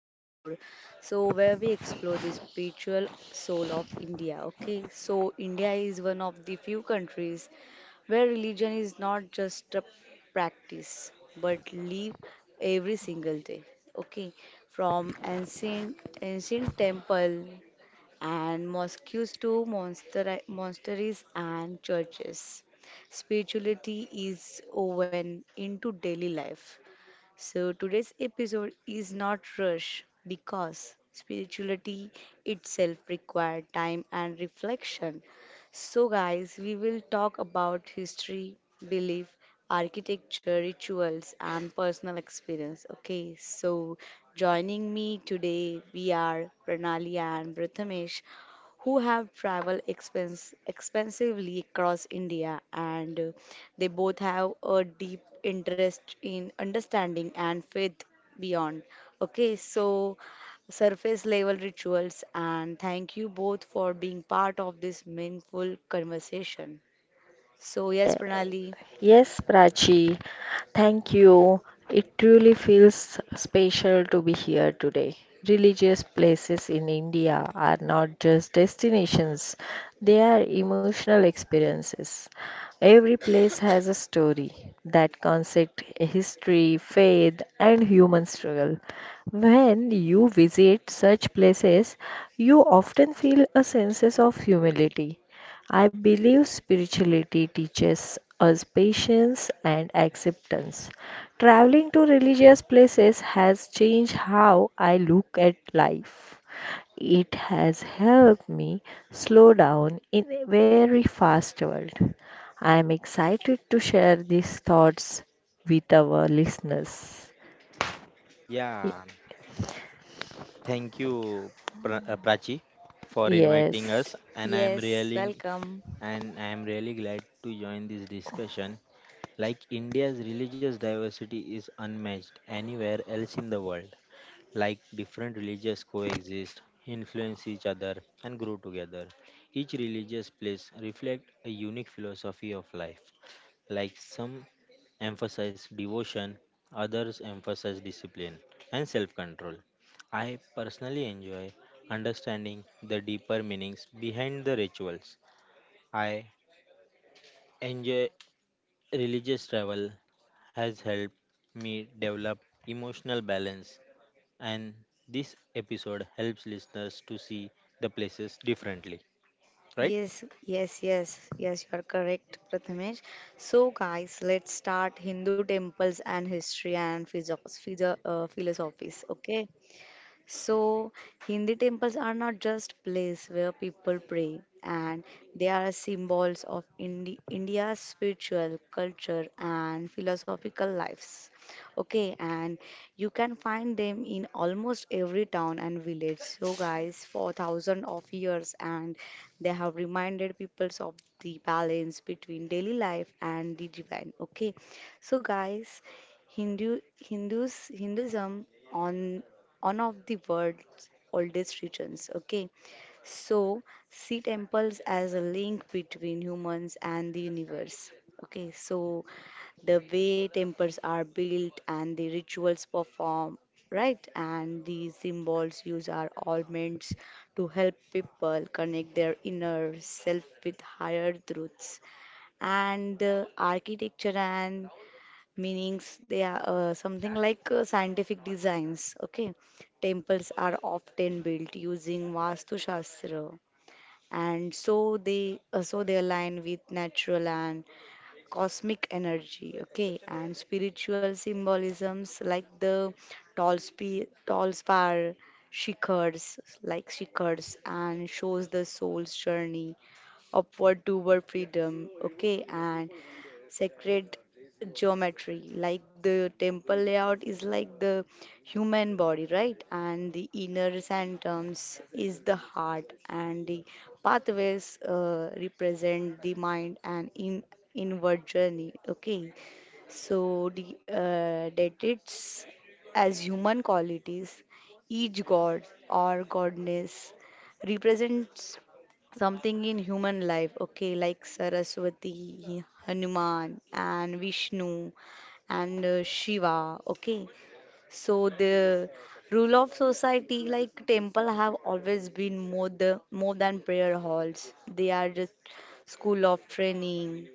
episode. Where we explore the spiritual soul of India. Okay, so India is one of the few countries where religion is not just a practice but live every single day. Okay, from ancient temple and mosques to monasteries and churches. Spirituality is woven into daily life. So today's episode is not rush because spirituality itself required time and reflection. So guys, we will talk about history, belief, architecture, rituals and personal experience. Okay, so joining me today we are Pranali and Prathamesh who have traveled expensively across India, and they both have a deep interest in understanding and faith beyond. Okay, so surface level rituals, and thank you both for being part of this meaningful conversation. So, yes, Pranali. You. It truly feels special to be here today. Religious places in India are not just destinations, they are emotional experiences. Every place has a story that concept history, faith, and human struggle. When you visit such places, you often feel a sense of humility. I believe spirituality teaches us patience and acceptance. Traveling to religious places has changed how I look at life. It has helped me slow down in a very fast world. I am excited to share these thoughts with our listeners. Y- Yeah, thank you, Prachi, for inviting Yes. us, and Yes, welcome. I'm really glad to join this discussion. Like India's religious diversity is unmatched anywhere else in the world. Like different religions coexist, influence each other, and grow together. Each religious place reflects a unique philosophy of life, like some emphasize devotion, others emphasize discipline and self control. I personally enjoy understanding the deeper meanings behind the rituals. I enjoy religious travel has helped me develop emotional balance and this episode helps listeners to see the places differently, right? Yes, yes, yes, yes, you are correct, Prathamesh. So, guys, let's start Hindu temples and history and physio physio philosophies. Okay, so, Hindi temples are not just place where people pray, and they are symbols of India's spiritual culture and philosophical lives. Okay, and you can find them in almost every town and village. So, guys, for thousands of years, and they have reminded peoples of the balance between daily life and the divine. Okay, so guys, Hindu Hinduism on one of the world's oldest regions. Okay, so see temples as a link between humans and the universe. Okay, so the way temples are built and the rituals performed, right, and the symbols used are all meant to help people connect their inner self with higher truths. And architecture and meanings, they are something like scientific designs. Okay, temples are often built using vastu shastra, and so they align with natural and cosmic energy. Okay, and spiritual symbolisms like the tall spe tall spire shikhars, like shikhars, and shows the soul's journey upward toward freedom. Okay, and sacred geometry, like the temple layout is like the human body, right, and the inner sanctums is the heart, and the pathways represent the mind and in inward journey. Okay, so, deities as human qualities, each god or goddess represents something in human life, okay, like Saraswati, Hanuman, and Vishnu, and Shiva, okay. So, the rule of society, like temple, have always been more than prayer halls, they are just school of training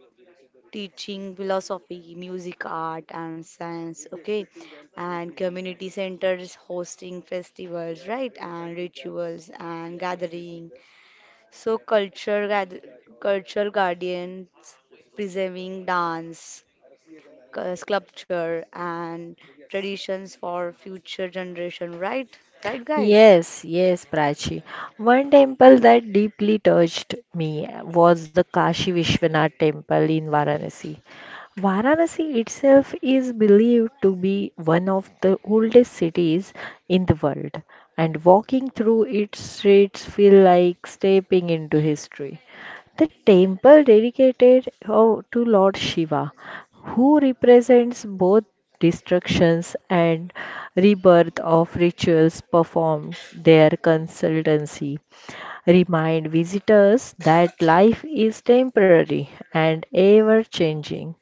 teaching philosophy, music, art, and science, okay, and community centers hosting festivals, right, and rituals and gathering. So culture guardians preserving dance, sculpture, and traditions for future generation, right, right, guys. Yes, yes, Prachi. One temple that deeply touched me was the Kashi Vishwanath temple in Varanasi. Varanasi itself is believed to be one of the oldest cities in the world, and walking through its streets feel like stepping into history. The temple dedicated to Lord Shiva who represents both destructions and rebirth of rituals performed their consultancy remind visitors that life is temporary and ever changing.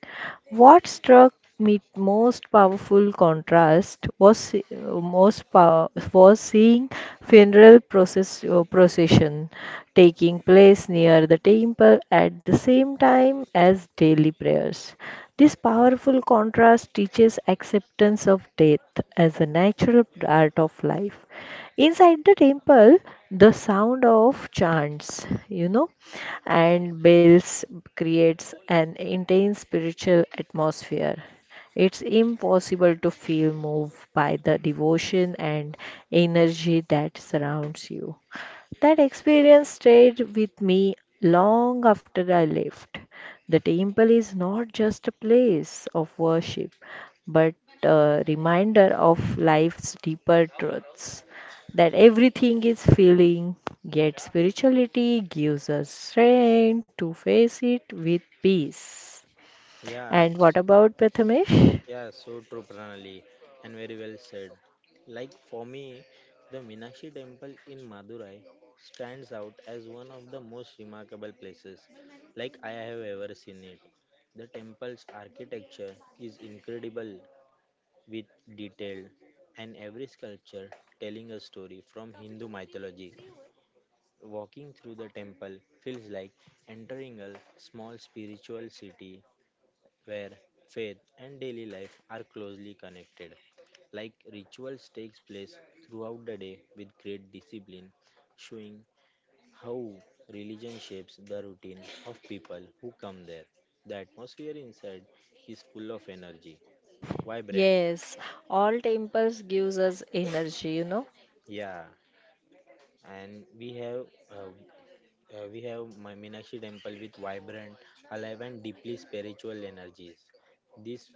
What struck me most powerful contrast was se- most pow- was seeing funeral procession taking place near the temple at the same time as daily prayers. This powerful contrast teaches acceptance of death as a natural part of life. Inside the temple, the sound of chants and bells creates an intense spiritual atmosphere. It's impossible to feel moved by the devotion and energy that surrounds you. That experience stayed with me long after I left. The temple is not just a place of worship, but a reminder of life's deeper truths that everything is feeling, yet spirituality gives us strength to face it with peace. Yeah, And what about Prathamesh? Yeah, so true, Pranali, and very well said. Like for me, the Meenakshi temple in Madurai stands out as one of the most remarkable places like I have ever seen it. The temple's architecture is incredible with detail and every sculpture telling a story from Hindu mythology. Walking through the temple feels like entering a small spiritual city where faith and daily life are closely connected. Like rituals takes place throughout the day with great discipline, showing how religion shapes the routine of people who come there. The atmosphere inside is full of energy, vibrant, Yes, all temples gives us, energy, you know. yeah, and we have uh, my Meenakshi temple with vibrant, alive and deeply spiritual energies. This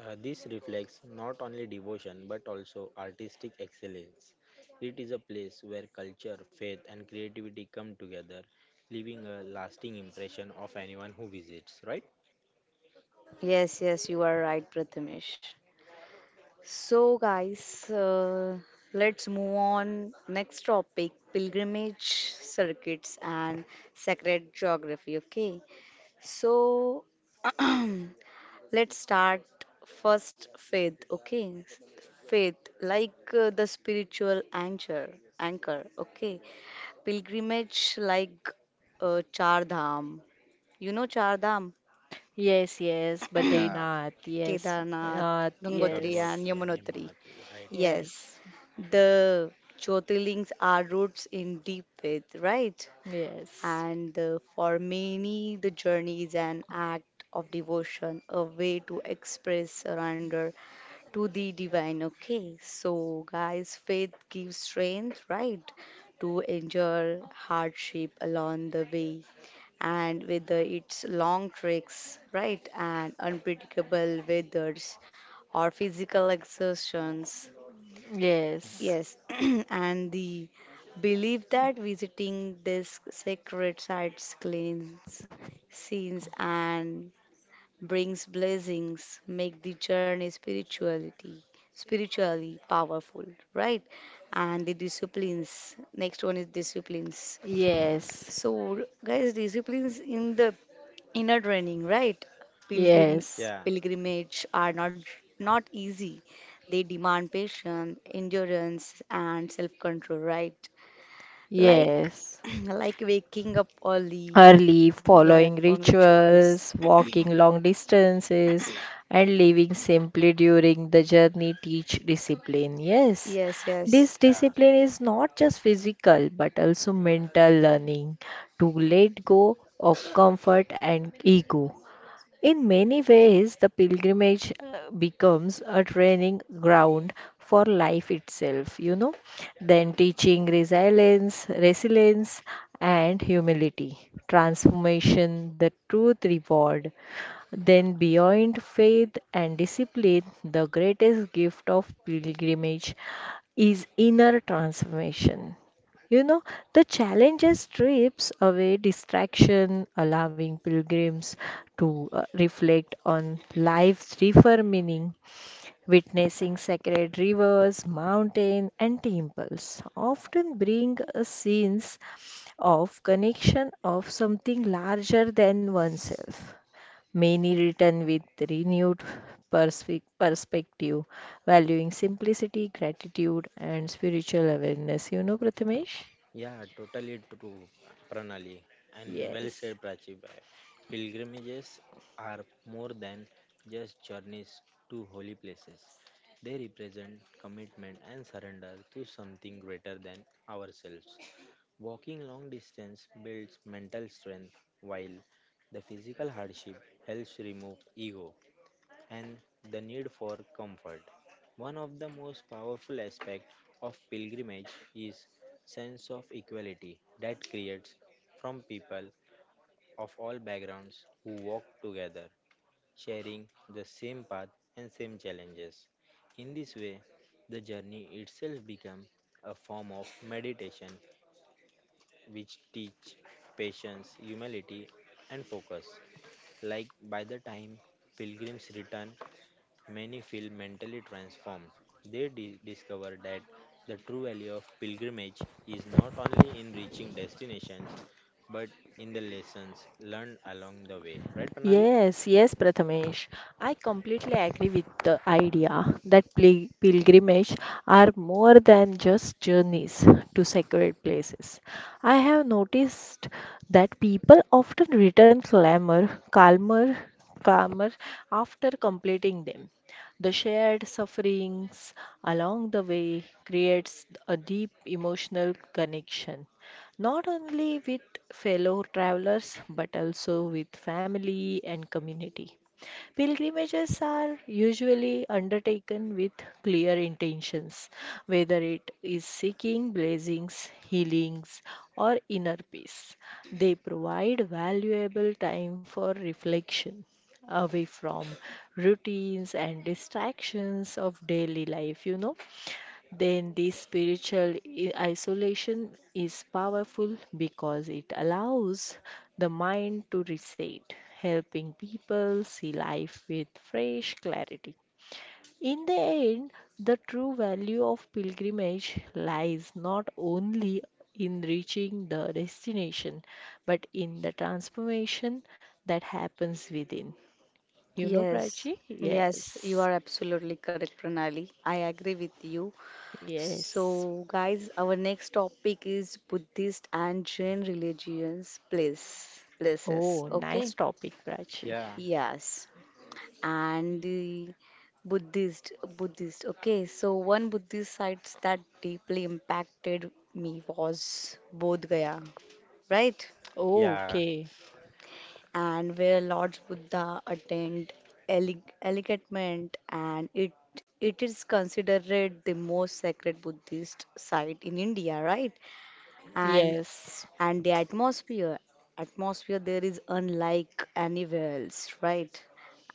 this reflects not only devotion but also artistic excellence. It is a place where culture, faith, and creativity come together, leaving a lasting impression of anyone who visits. Right? Yes, yes, you are right, Prathamesh. So, guys, let's move on. Next topic pilgrimage circuits and sacred geography. Okay, so let's start first faith. Okay, faith like the spiritual anchor. Okay, pilgrimage like Char Dham. You know Char Dham? Yes, yes, Yeah, Badrinath, yes, Kedarnath, Nath, Gangotri, and yes, Gangotri and Yamunotri. Yamunotri. Right? Yes, yes, the Jyotirlings are roots in deep faith, right? yes. And for many, the journey is an act of devotion, a way to express surrender to the divine. Okay, so guys, faith gives strength, right, to endure hardship along the way, and with its long treks, right, and unpredictable weathers or physical exertions. Yes, Yes, and the belief that visiting these sacred sites cleans sins and brings blessings make the journey spirituality spiritually powerful, right? And the disciplines. Next one is disciplines. yes, So, guys, disciplines in the inner training, right? Pilgrim yes, Yeah, Pilgrimage are not easy. They demand patience, endurance, and self-control, right? Like yes. like waking up early, Early, yeah, following from rituals. rituals, walking long distances, and living simply during the journey teach discipline. Yes, Yes, this yes, yeah. discipline is not just physical but also mental learning to let go of comfort and ego. In many ways, the pilgrimage becomes a training ground for life itself, then teaching resilience and humility, transformation, the truth reward. Then beyond faith and discipline, the greatest gift of pilgrimage is inner transformation. You know, the challenge strips away distraction, allowing pilgrims to reflect on life's deeper meaning, witnessing sacred rivers, mountains, and temples. Often bring a sense of connection of something larger than oneself many written with renewed perspective, valuing simplicity, gratitude, and spiritual awareness. You know, Prathamesh? Yeah, totally true, Pranali. And well Yes. said, Prachi. Pilgrimages are more than just journeys to holy places. They represent commitment and surrender to something greater than ourselves. Walking long distance builds mental strength, while the physical hardship helps remove ego and the need for comfort. One of the most powerful aspects of pilgrimage is sense of equality that creates from people of all backgrounds who walk together, sharing the same path and same challenges. In this way, the journey itself becomes a form of meditation which teach patience, humility and focus. Like by the time pilgrims return Many feel mentally transformed. They discover that the true value of pilgrimage is not only in reaching destinations but in the lessons learned along the way. Right, Panali? Yes, yes, Prathamesh. I completely agree with the idea that pilgrimage are more than just journeys to sacred places. I have noticed that people often return calmer after completing them. The shared sufferings along the way creates a deep emotional connection not only with fellow travelers but also with family and community. Pilgrimages are usually undertaken with clear intentions, whether it is seeking blessings, healings, or inner peace. They provide valuable time for reflection away from routines and distractions of daily life, then this spiritual isolation is powerful because it allows the mind to reset, helping people see life with fresh clarity. In the end, the true value of pilgrimage lies not only in reaching the destination, but in the transformation that happens within. You know, yes, Prachi? yes. You Yes. are absolutely correct, Pranali. I agree with you. Yes. So, guys, our next topic is Buddhist and Jain religions places. Oh, nice Okay, topic, Prachi. Yeah, yes, and the Buddhist. Okay, so one Buddhist sites that deeply impacted me was Bodh Gaya, right? yeah, Okay. And where Lord Buddha attained enlightenment, and it is considered the most sacred Buddhist site in India, right? And Yes. The atmosphere there is unlike anywhere else, right?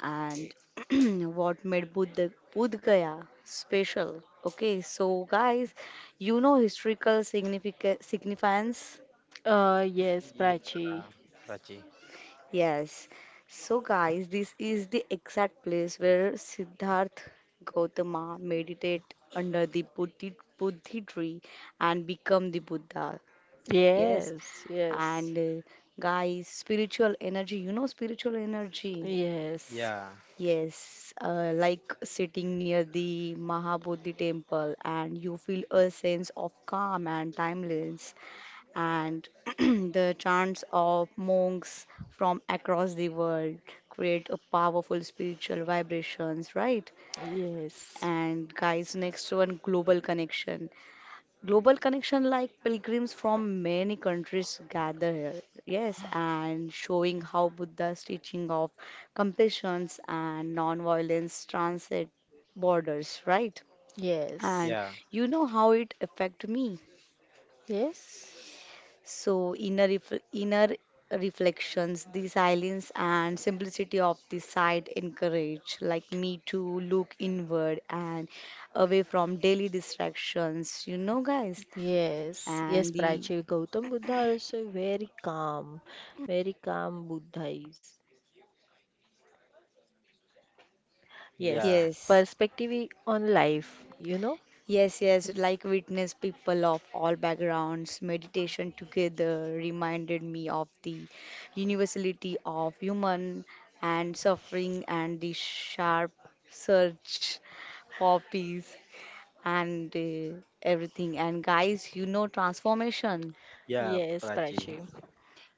And what made Bodh Gaya special? Okay, so guys, you know, historical significance. Yes, yeah, Prachi. Prachi. Yes, so guys, this is the exact place where Siddharth Gautama meditate under the Bodhi tree and become the Buddha. Yes. Yes, yes, And guys, spiritual energy, you know, spiritual yes, energy. yes, Yeah, Yes, like sitting near the Mahabodhi temple and you feel a sense of calm and timeless. And the chants of monks from across the world create a powerful spiritual vibrations, right? yes, And guys, next one, global connection. Global connection, like pilgrims from many countries gather here, yes, and showing how Buddha's teaching of compassions and non-violence transit borders, right? yes, And yeah, you know how it affect me. So inner reflections, the silence and simplicity of the site encourage like me to look inward and away from daily distractions, you know, guys. yes, yes, And the Prachi. Gautam Buddha also very calm Buddha is. Yes, yeah, yes. perspective on life, you know? Yes, yes, like witness people of all backgrounds, meditation together reminded me of the universality of human and suffering and the sharp search for peace and everything. And guys, you know, transformation. yeah, Yes, Prachi. Prachi.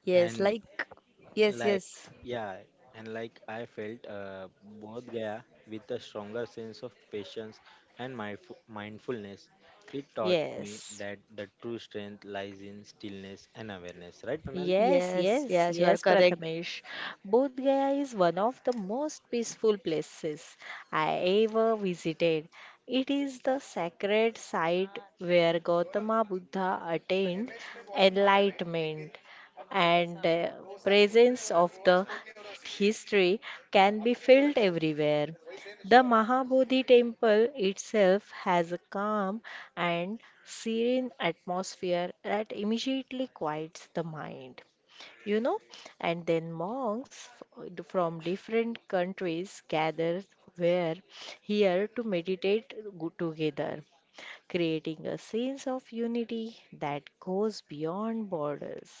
Yes, And like, yes, like yes, yeah I felt both gaya with a stronger sense of patience and mindfulness it taught me Yes. that the true strength lies in stillness and awareness right pranali Yes, yes, yes, yes, you are yes, correct. Prathamesh. Bodh Gaya is one of the most peaceful places I ever visited. It is the sacred site where Gautama Buddha attained enlightenment, and the presence of the history can be felt everywhere. The Mahabodhi temple itself has a calm and serene atmosphere that immediately quiets the mind, you know. And then monks from different countries gather where here to meditate together, creating a sense of unity that goes beyond borders.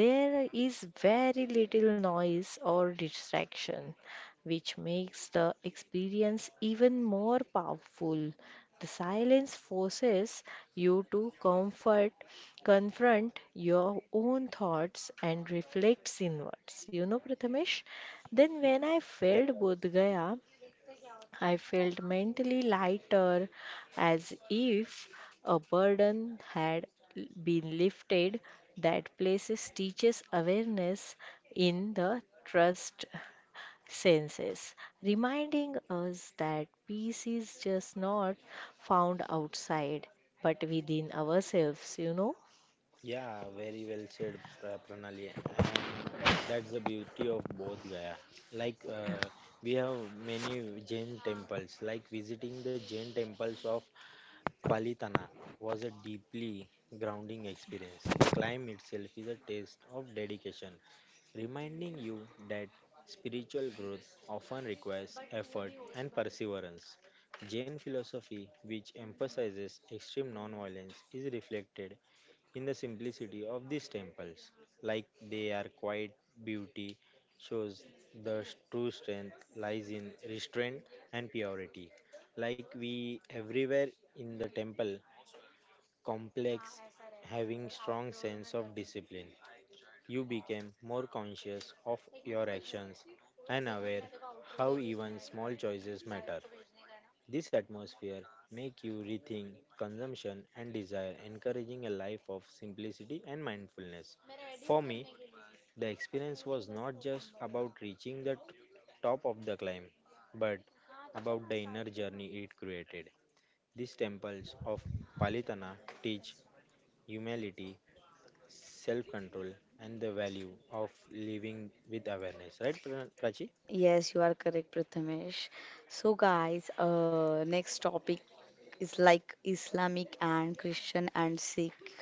There is very little noise or distraction, which makes the experience even more powerful. The silence forces you to confront your own thoughts and reflect inwards. You know, Prathamesh? Then when I yeah felt Bodh Pranali. Gaya, I felt mentally lighter, as if a burden had been lifted. That places teaches awareness in the trust senses, reminding us that peace is just not found outside, but within ourselves, you know. Yeah very well said pranali and that's the beauty of both gaya like we have many jain temples like visiting the jain temples of Palitana was a deeply grounding experience. The climb itself is a test of dedication, reminding you that spiritual growth often requires effort and perseverance. Jain philosophy, which emphasizes extreme nonviolence, is reflected in the simplicity of these temples. Like they are quiet beauty shows the true strength lies in restraint and purity like we everywhere in the temple complex having strong sense of discipline you became more conscious of your actions and aware how even small choices matter this atmosphere make you rethink consumption and desire encouraging a life of simplicity and mindfulness for me the experience was not just about reaching the top of the climb, but about the inner journey it created. These temples of Palitana teach humility, self control, and the value of living with awareness. Right, Prachi? Yes, you are correct, Prathamesh. So, guys, next topic is like Islamic and Christian and Sikh.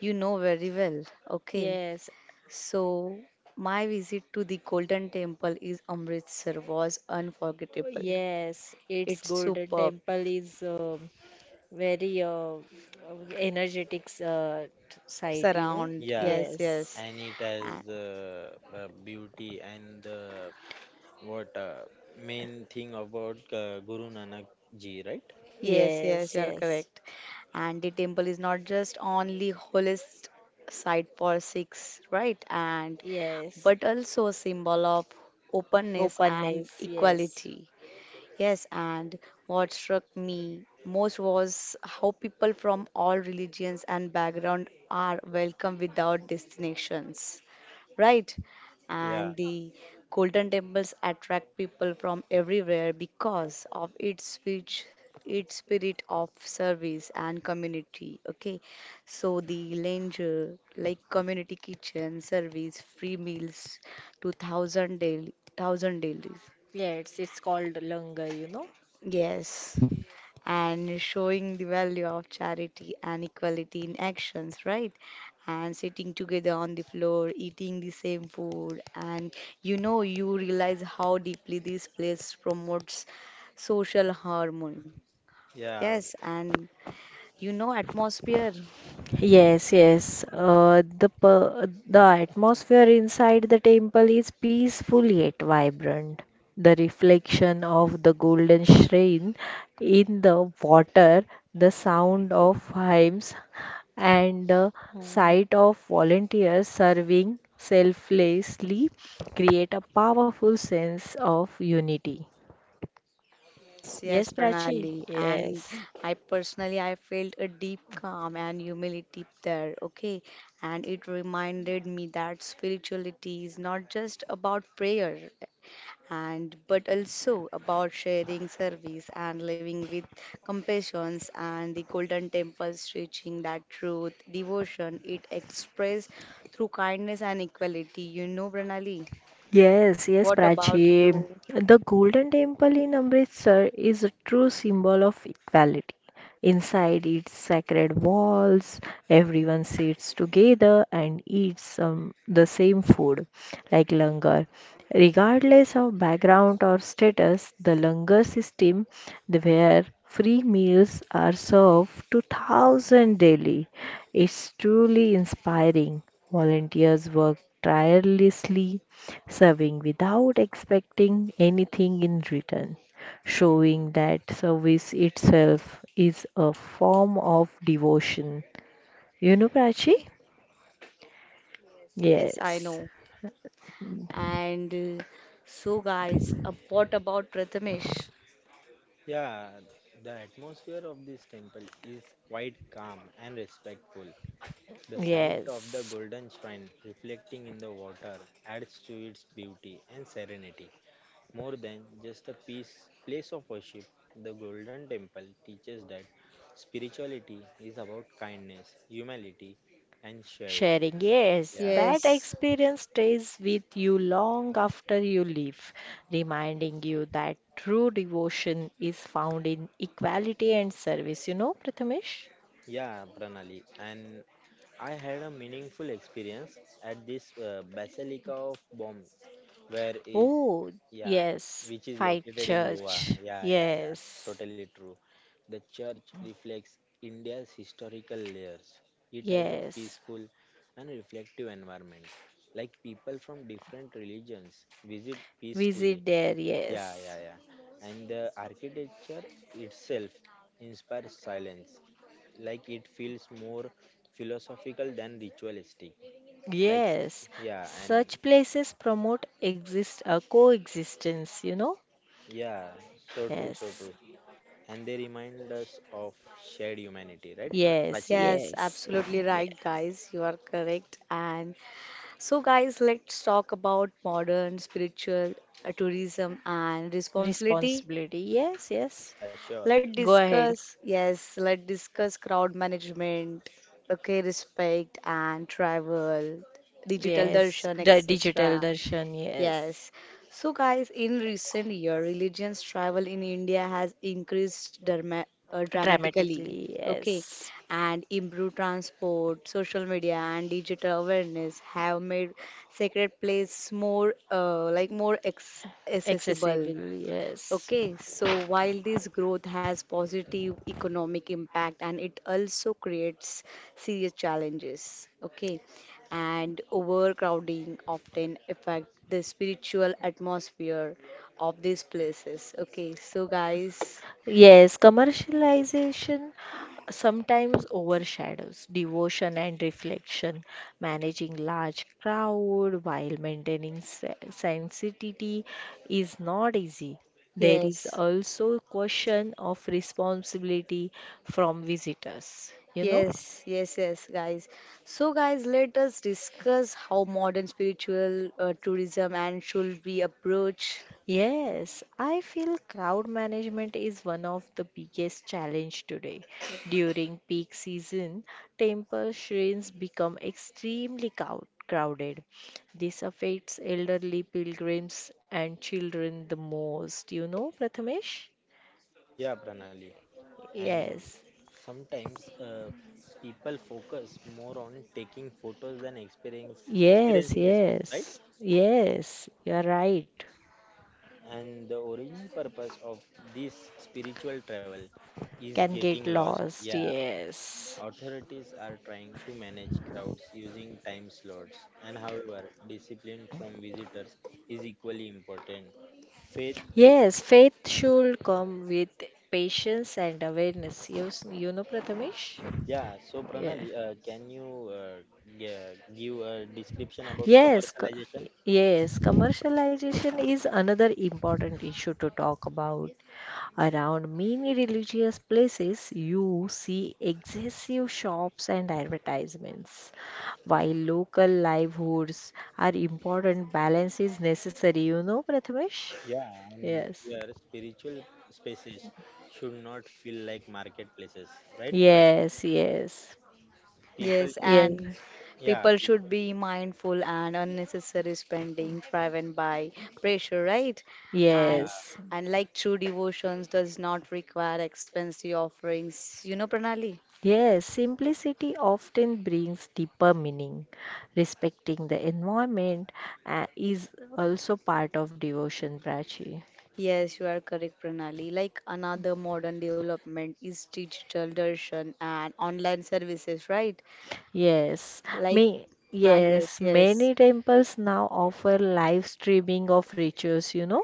You know very well. Okay. Yes, So my visit to the Golden Temple is Amritsar was unforgettable. yes, its It's golden superb. temple is very energetic, side, you know. Surround. Yeah, Yes, Yes, yes. and it has And the beauty and the what main thing about Guru Nanak ji, right? yes, yes, yes, you are yes, correct. And the temple is not just only holiest site for Sikhs, right? And yes. but also a symbol of openness and Openness, yes. equality. Yes, and what struck me most was how people from all religions and background are welcome without destinations, right? Yeah. And the golden temples attract people from everywhere because of its rich, its spirit of service and community. Okay, so the langer like community kitchen service, free meals to thousand daily. Yes, it's called langar, you know. Yes, and showing the value of charity and equality in actions, right? And sitting together on the floor, eating the same food, and you know, you realize how deeply this place promotes social harmony. Yeah, Yes, and you know, atmosphere. Yes, yes. The atmosphere inside the temple is peaceful yet vibrant. The reflection of the golden shrine in the water, the sound of hymns, and the Oh. sight of volunteers serving selflessly create a powerful sense of unity. Yes, yes, Yes, Prachi. Pranali. And Yes. I personally, I felt a deep calm and humility there. Okay. And it reminded me that spirituality is not just about prayer and but also about sharing service and living with compassions, and the golden temple stretching that truth, devotion it expressed through kindness and equality. You know, Pranali? Yes, yes, Prachi. The Golden Temple in Amritsar is a true symbol of equality. Inside its sacred walls, everyone sits together and eats some, the same food, like langar. Regardless of background or status, the langar system, where free meals are served to thousands daily, is truly inspiring. Volunteers work tirelessly serving without expecting anything in return, showing that service itself is a form of devotion. You know, Prachi? Yes, yes, I Yes, know. And so, guys, what about Prathamesh? Yeah, the atmosphere of this temple is quite calm and respectful. The sight of the yes. golden shrine reflecting in the water adds to its beauty and serenity. More than just a peace, place of worship, the golden temple teaches that spirituality is about kindness, humility, and sharing. Sharing, yes, Yeah, that Yes, experience stays with you long after you leave, reminding you that true devotion is found in equality and service. You know, Prathamesh? yeah, Pranali. And I had a meaningful experience at this Basilica of Bom, where it Oh, Yeah, yes, which is fight located in Goa. church. Yeah. Yes. Totally true. The church reflects India's historical layers. It has a Yes, peaceful and reflective environment. Like people from different religions visit peacefully. visit there, yes. Yeah. And the architecture itself inspires silence. Like it feels more philosophical than ritualistic. Like, Yes, yeah, and such places promote exist coexistence, you know? yeah, so true, so Yes, true. And they remind us of shared humanity, right, yes, Prachi? yes, yes, absolutely yes. right, guys. You are correct. And so, guys, let's talk about modern spiritual tourism and responsibility. Responsibility, yes, yes. Yeah, sure. Let's Go ahead. discuss, yes, let's discuss crowd management, okay, respect and travel, digital Yes, darshan, the digital etc. darshan, yes. Yes. So, guys, in recent year, religions travel in India has increased derma dramatically. Dramatically, Okay, yes. and improved transport, social media, and digital awareness have made sacred place like more ex accessible. Accessible, yes. Okay, so while this growth has positive economic impact, and it also creates serious challenges, okay, and overcrowding often affect the spiritual atmosphere of these places. Okay, so guys, Yes, commercialization sometimes overshadows devotion and reflection. Managing large crowd while maintaining sanctity is not easy. There is yes. also question of responsibility from visitors, you know. Yes, yes, yes, guys. So, guys, let us discuss how modern spiritual tourism and should we approach. Yes, I feel crowd management is one of the biggest challenge today. During peak season, temple shrines become extremely crowded. This affects elderly pilgrims and children the most, you know, Prathamesh? Yeah, Pranali. And Yes. sometimes people focus more on taking photos than experience Yes, experiencing this place, right? yes. Yes, you're right. And the origin purpose of this spiritual travel is Can getting get lost. lost. Yeah, Yes. authorities are trying to manage crowds using time slots, and however, discipline from visitors is equally important. Faith should Yes, faith should come with patience and awareness. Yes, you know, Prathamesh? Yeah, so Yeah. Pranali, give a description about Yes, co- commercialization? yes, commercialization is another important issue to talk about. Around many religious places, you see excessive shops and advertisements. While local livelihoods are important, balance is necessary. You know, Prathamesh? Yeah, and Yes. your spiritual spaces should not feel like marketplaces, right? Prachi? Yes, yes. People Yes, should, and Yes. yeah, people should people, be mindful and unnecessary spending driven by pressure, right? yeah, And Yes, like true devotions does not require expensive offerings. You know, Pranali? yes, simplicity often brings deeper meaning. Respecting the environment is also part of devotion, Prachi. Yes, you are correct, Pranali. Like another modern development is digital darshan and online services, right? Yes, Like, me. ah, yes, Yes, yes, many temples now offer live streaming of rituals, you know.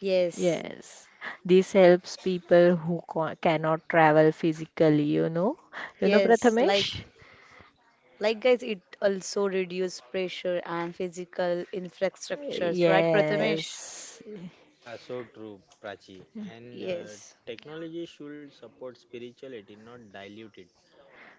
yes, Yes, this helps people who cannot travel physically, you know. You know, yes. Like Prathamesh? Like guys, it also reduce pressure and physical infrastructures, right, Prathamesh? Yes, yeah, so true, Prachi. And Yes, technology should support spirituality, not dilute it.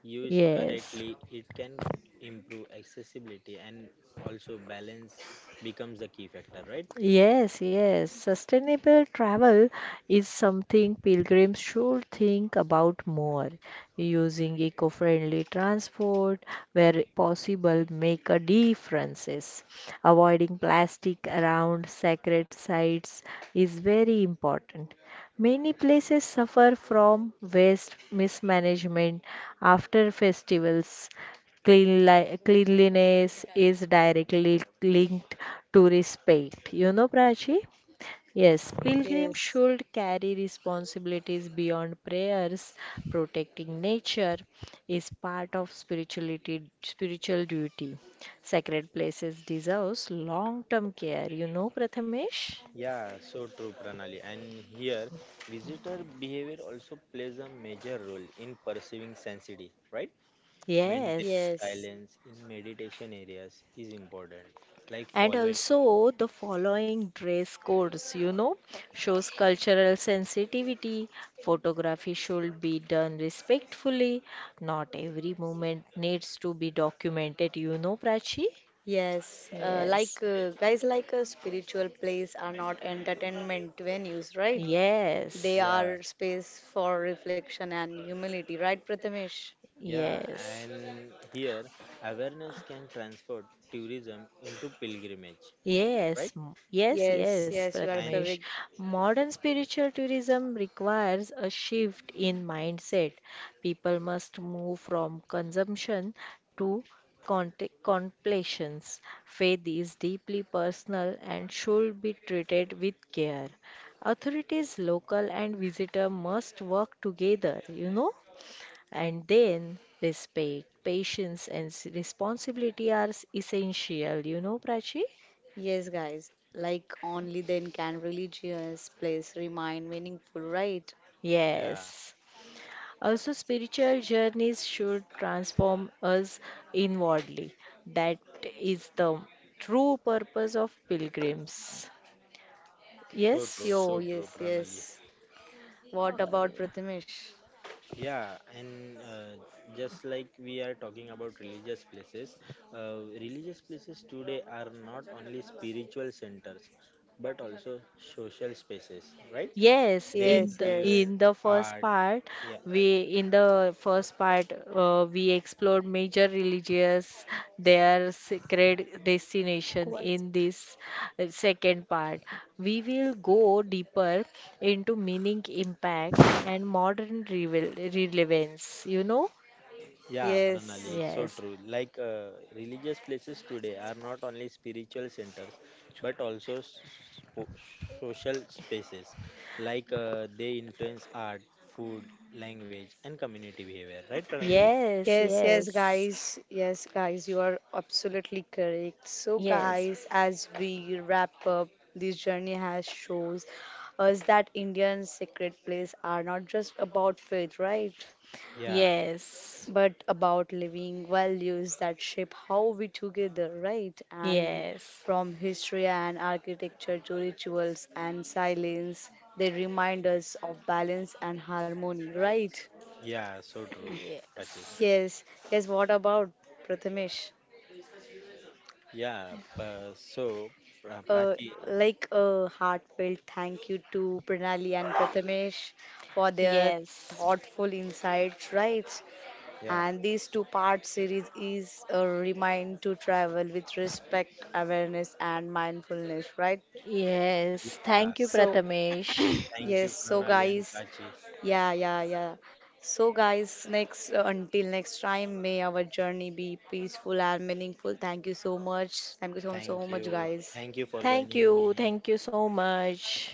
Used yes. correctly, it can improve accessibility and also balance becomes a key factor, right? Yes, yes. Sustainable travel is something pilgrims should think about more. Using eco-friendly transport where possible make a difference. Avoiding plastic around sacred sites is very important. Many places suffer from waste mismanagement after festivals. Cleanliness is directly linked to respect. You know, Prachi? Yes, pilgrims yes, should carry responsibilities beyond prayers. Protecting nature is part of spirituality, spiritual duty. Sacred places deserves long-term care. You know, Prathamesh? Yeah, so true, Pranali. And here, visitor behavior also plays a major role in perceiving sensitivity, right? Maintaining Yes. yes, silence in meditation areas is important, like And following. also, the following dress codes, you know, shows cultural sensitivity. Photography should be done respectfully. Not every moment needs to be documented, you know, Prachi? yes. Yes. Like guys, like spiritual plays are not entertainment venues, right? They Yes. Yeah, are space for reflection and humility, right, Prathamesh? yeah. Yes. And here, awareness can transfer tourism into pilgrimage, right? Yes, Yes, yes, yes, you are And Prathamesh. correct. Modern spiritual tourism requires a shift in mindset. People must move from consumption to contemplations. Faith is deeply personal and should be treated with care. Authorities, local and visitor must work together, you know? And then respect, patience, and responsibility are essential, you know, Prachi? Yes, guys. Like only then can religious place remain meaningful, right? yeah, Yes. Also, spiritual journeys should transform us inwardly. That is the true purpose of pilgrims. Yes. So so true, yes, Pranali. yes. Uh, What about Prathamesh? Yeah, and just like we are talking about religious places today are not only spiritual centers but also social spaces, right? yes, They in Yes, the yes. in influence the first art. part, Yeah, we explored major religious their sacred destination. What? In this second part, we will go deeper into meaning, impact, and modern revel relevance. You know? yeah, Pranali, Yes. so Yes. true. Like religious places today are not only spiritual centers but also social spaces. Like they influence art, food, language, and community behavior, right, Pranali? Yes. Yes, yes, Yes. guys. Yes, guys, you are absolutely correct. So, Yes. guys, as we wrap up, this journey has shows us that Indian sacred places are not just about faith, right? Yeah. Yes. But about living values that shape how we together, right? And Yes. from history and architecture to rituals and silence, they remind us of balance and harmony, right? Yeah, so true, Prachi. Yes. Yes, yes, what about Prathamesh? Yeah, uh, so Uh, Prachi, like a heartfelt thank you to Pranali and Prathamesh for their Yes. thoughtful insights, right? yeah, And this two-part series is a remind to travel with respect, awareness, and mindfulness, right? Yes. yeah. Thank you, So, Prathamesh. Thank you, yes, so Pranali and guys, Prachi. yeah, yeah, yeah. So, guys, next until next time, may our journey be peaceful and meaningful. Thank you so much. Thank you so, so Thank much, you, guys. thank you for Thank joining you. me. Thank you so much.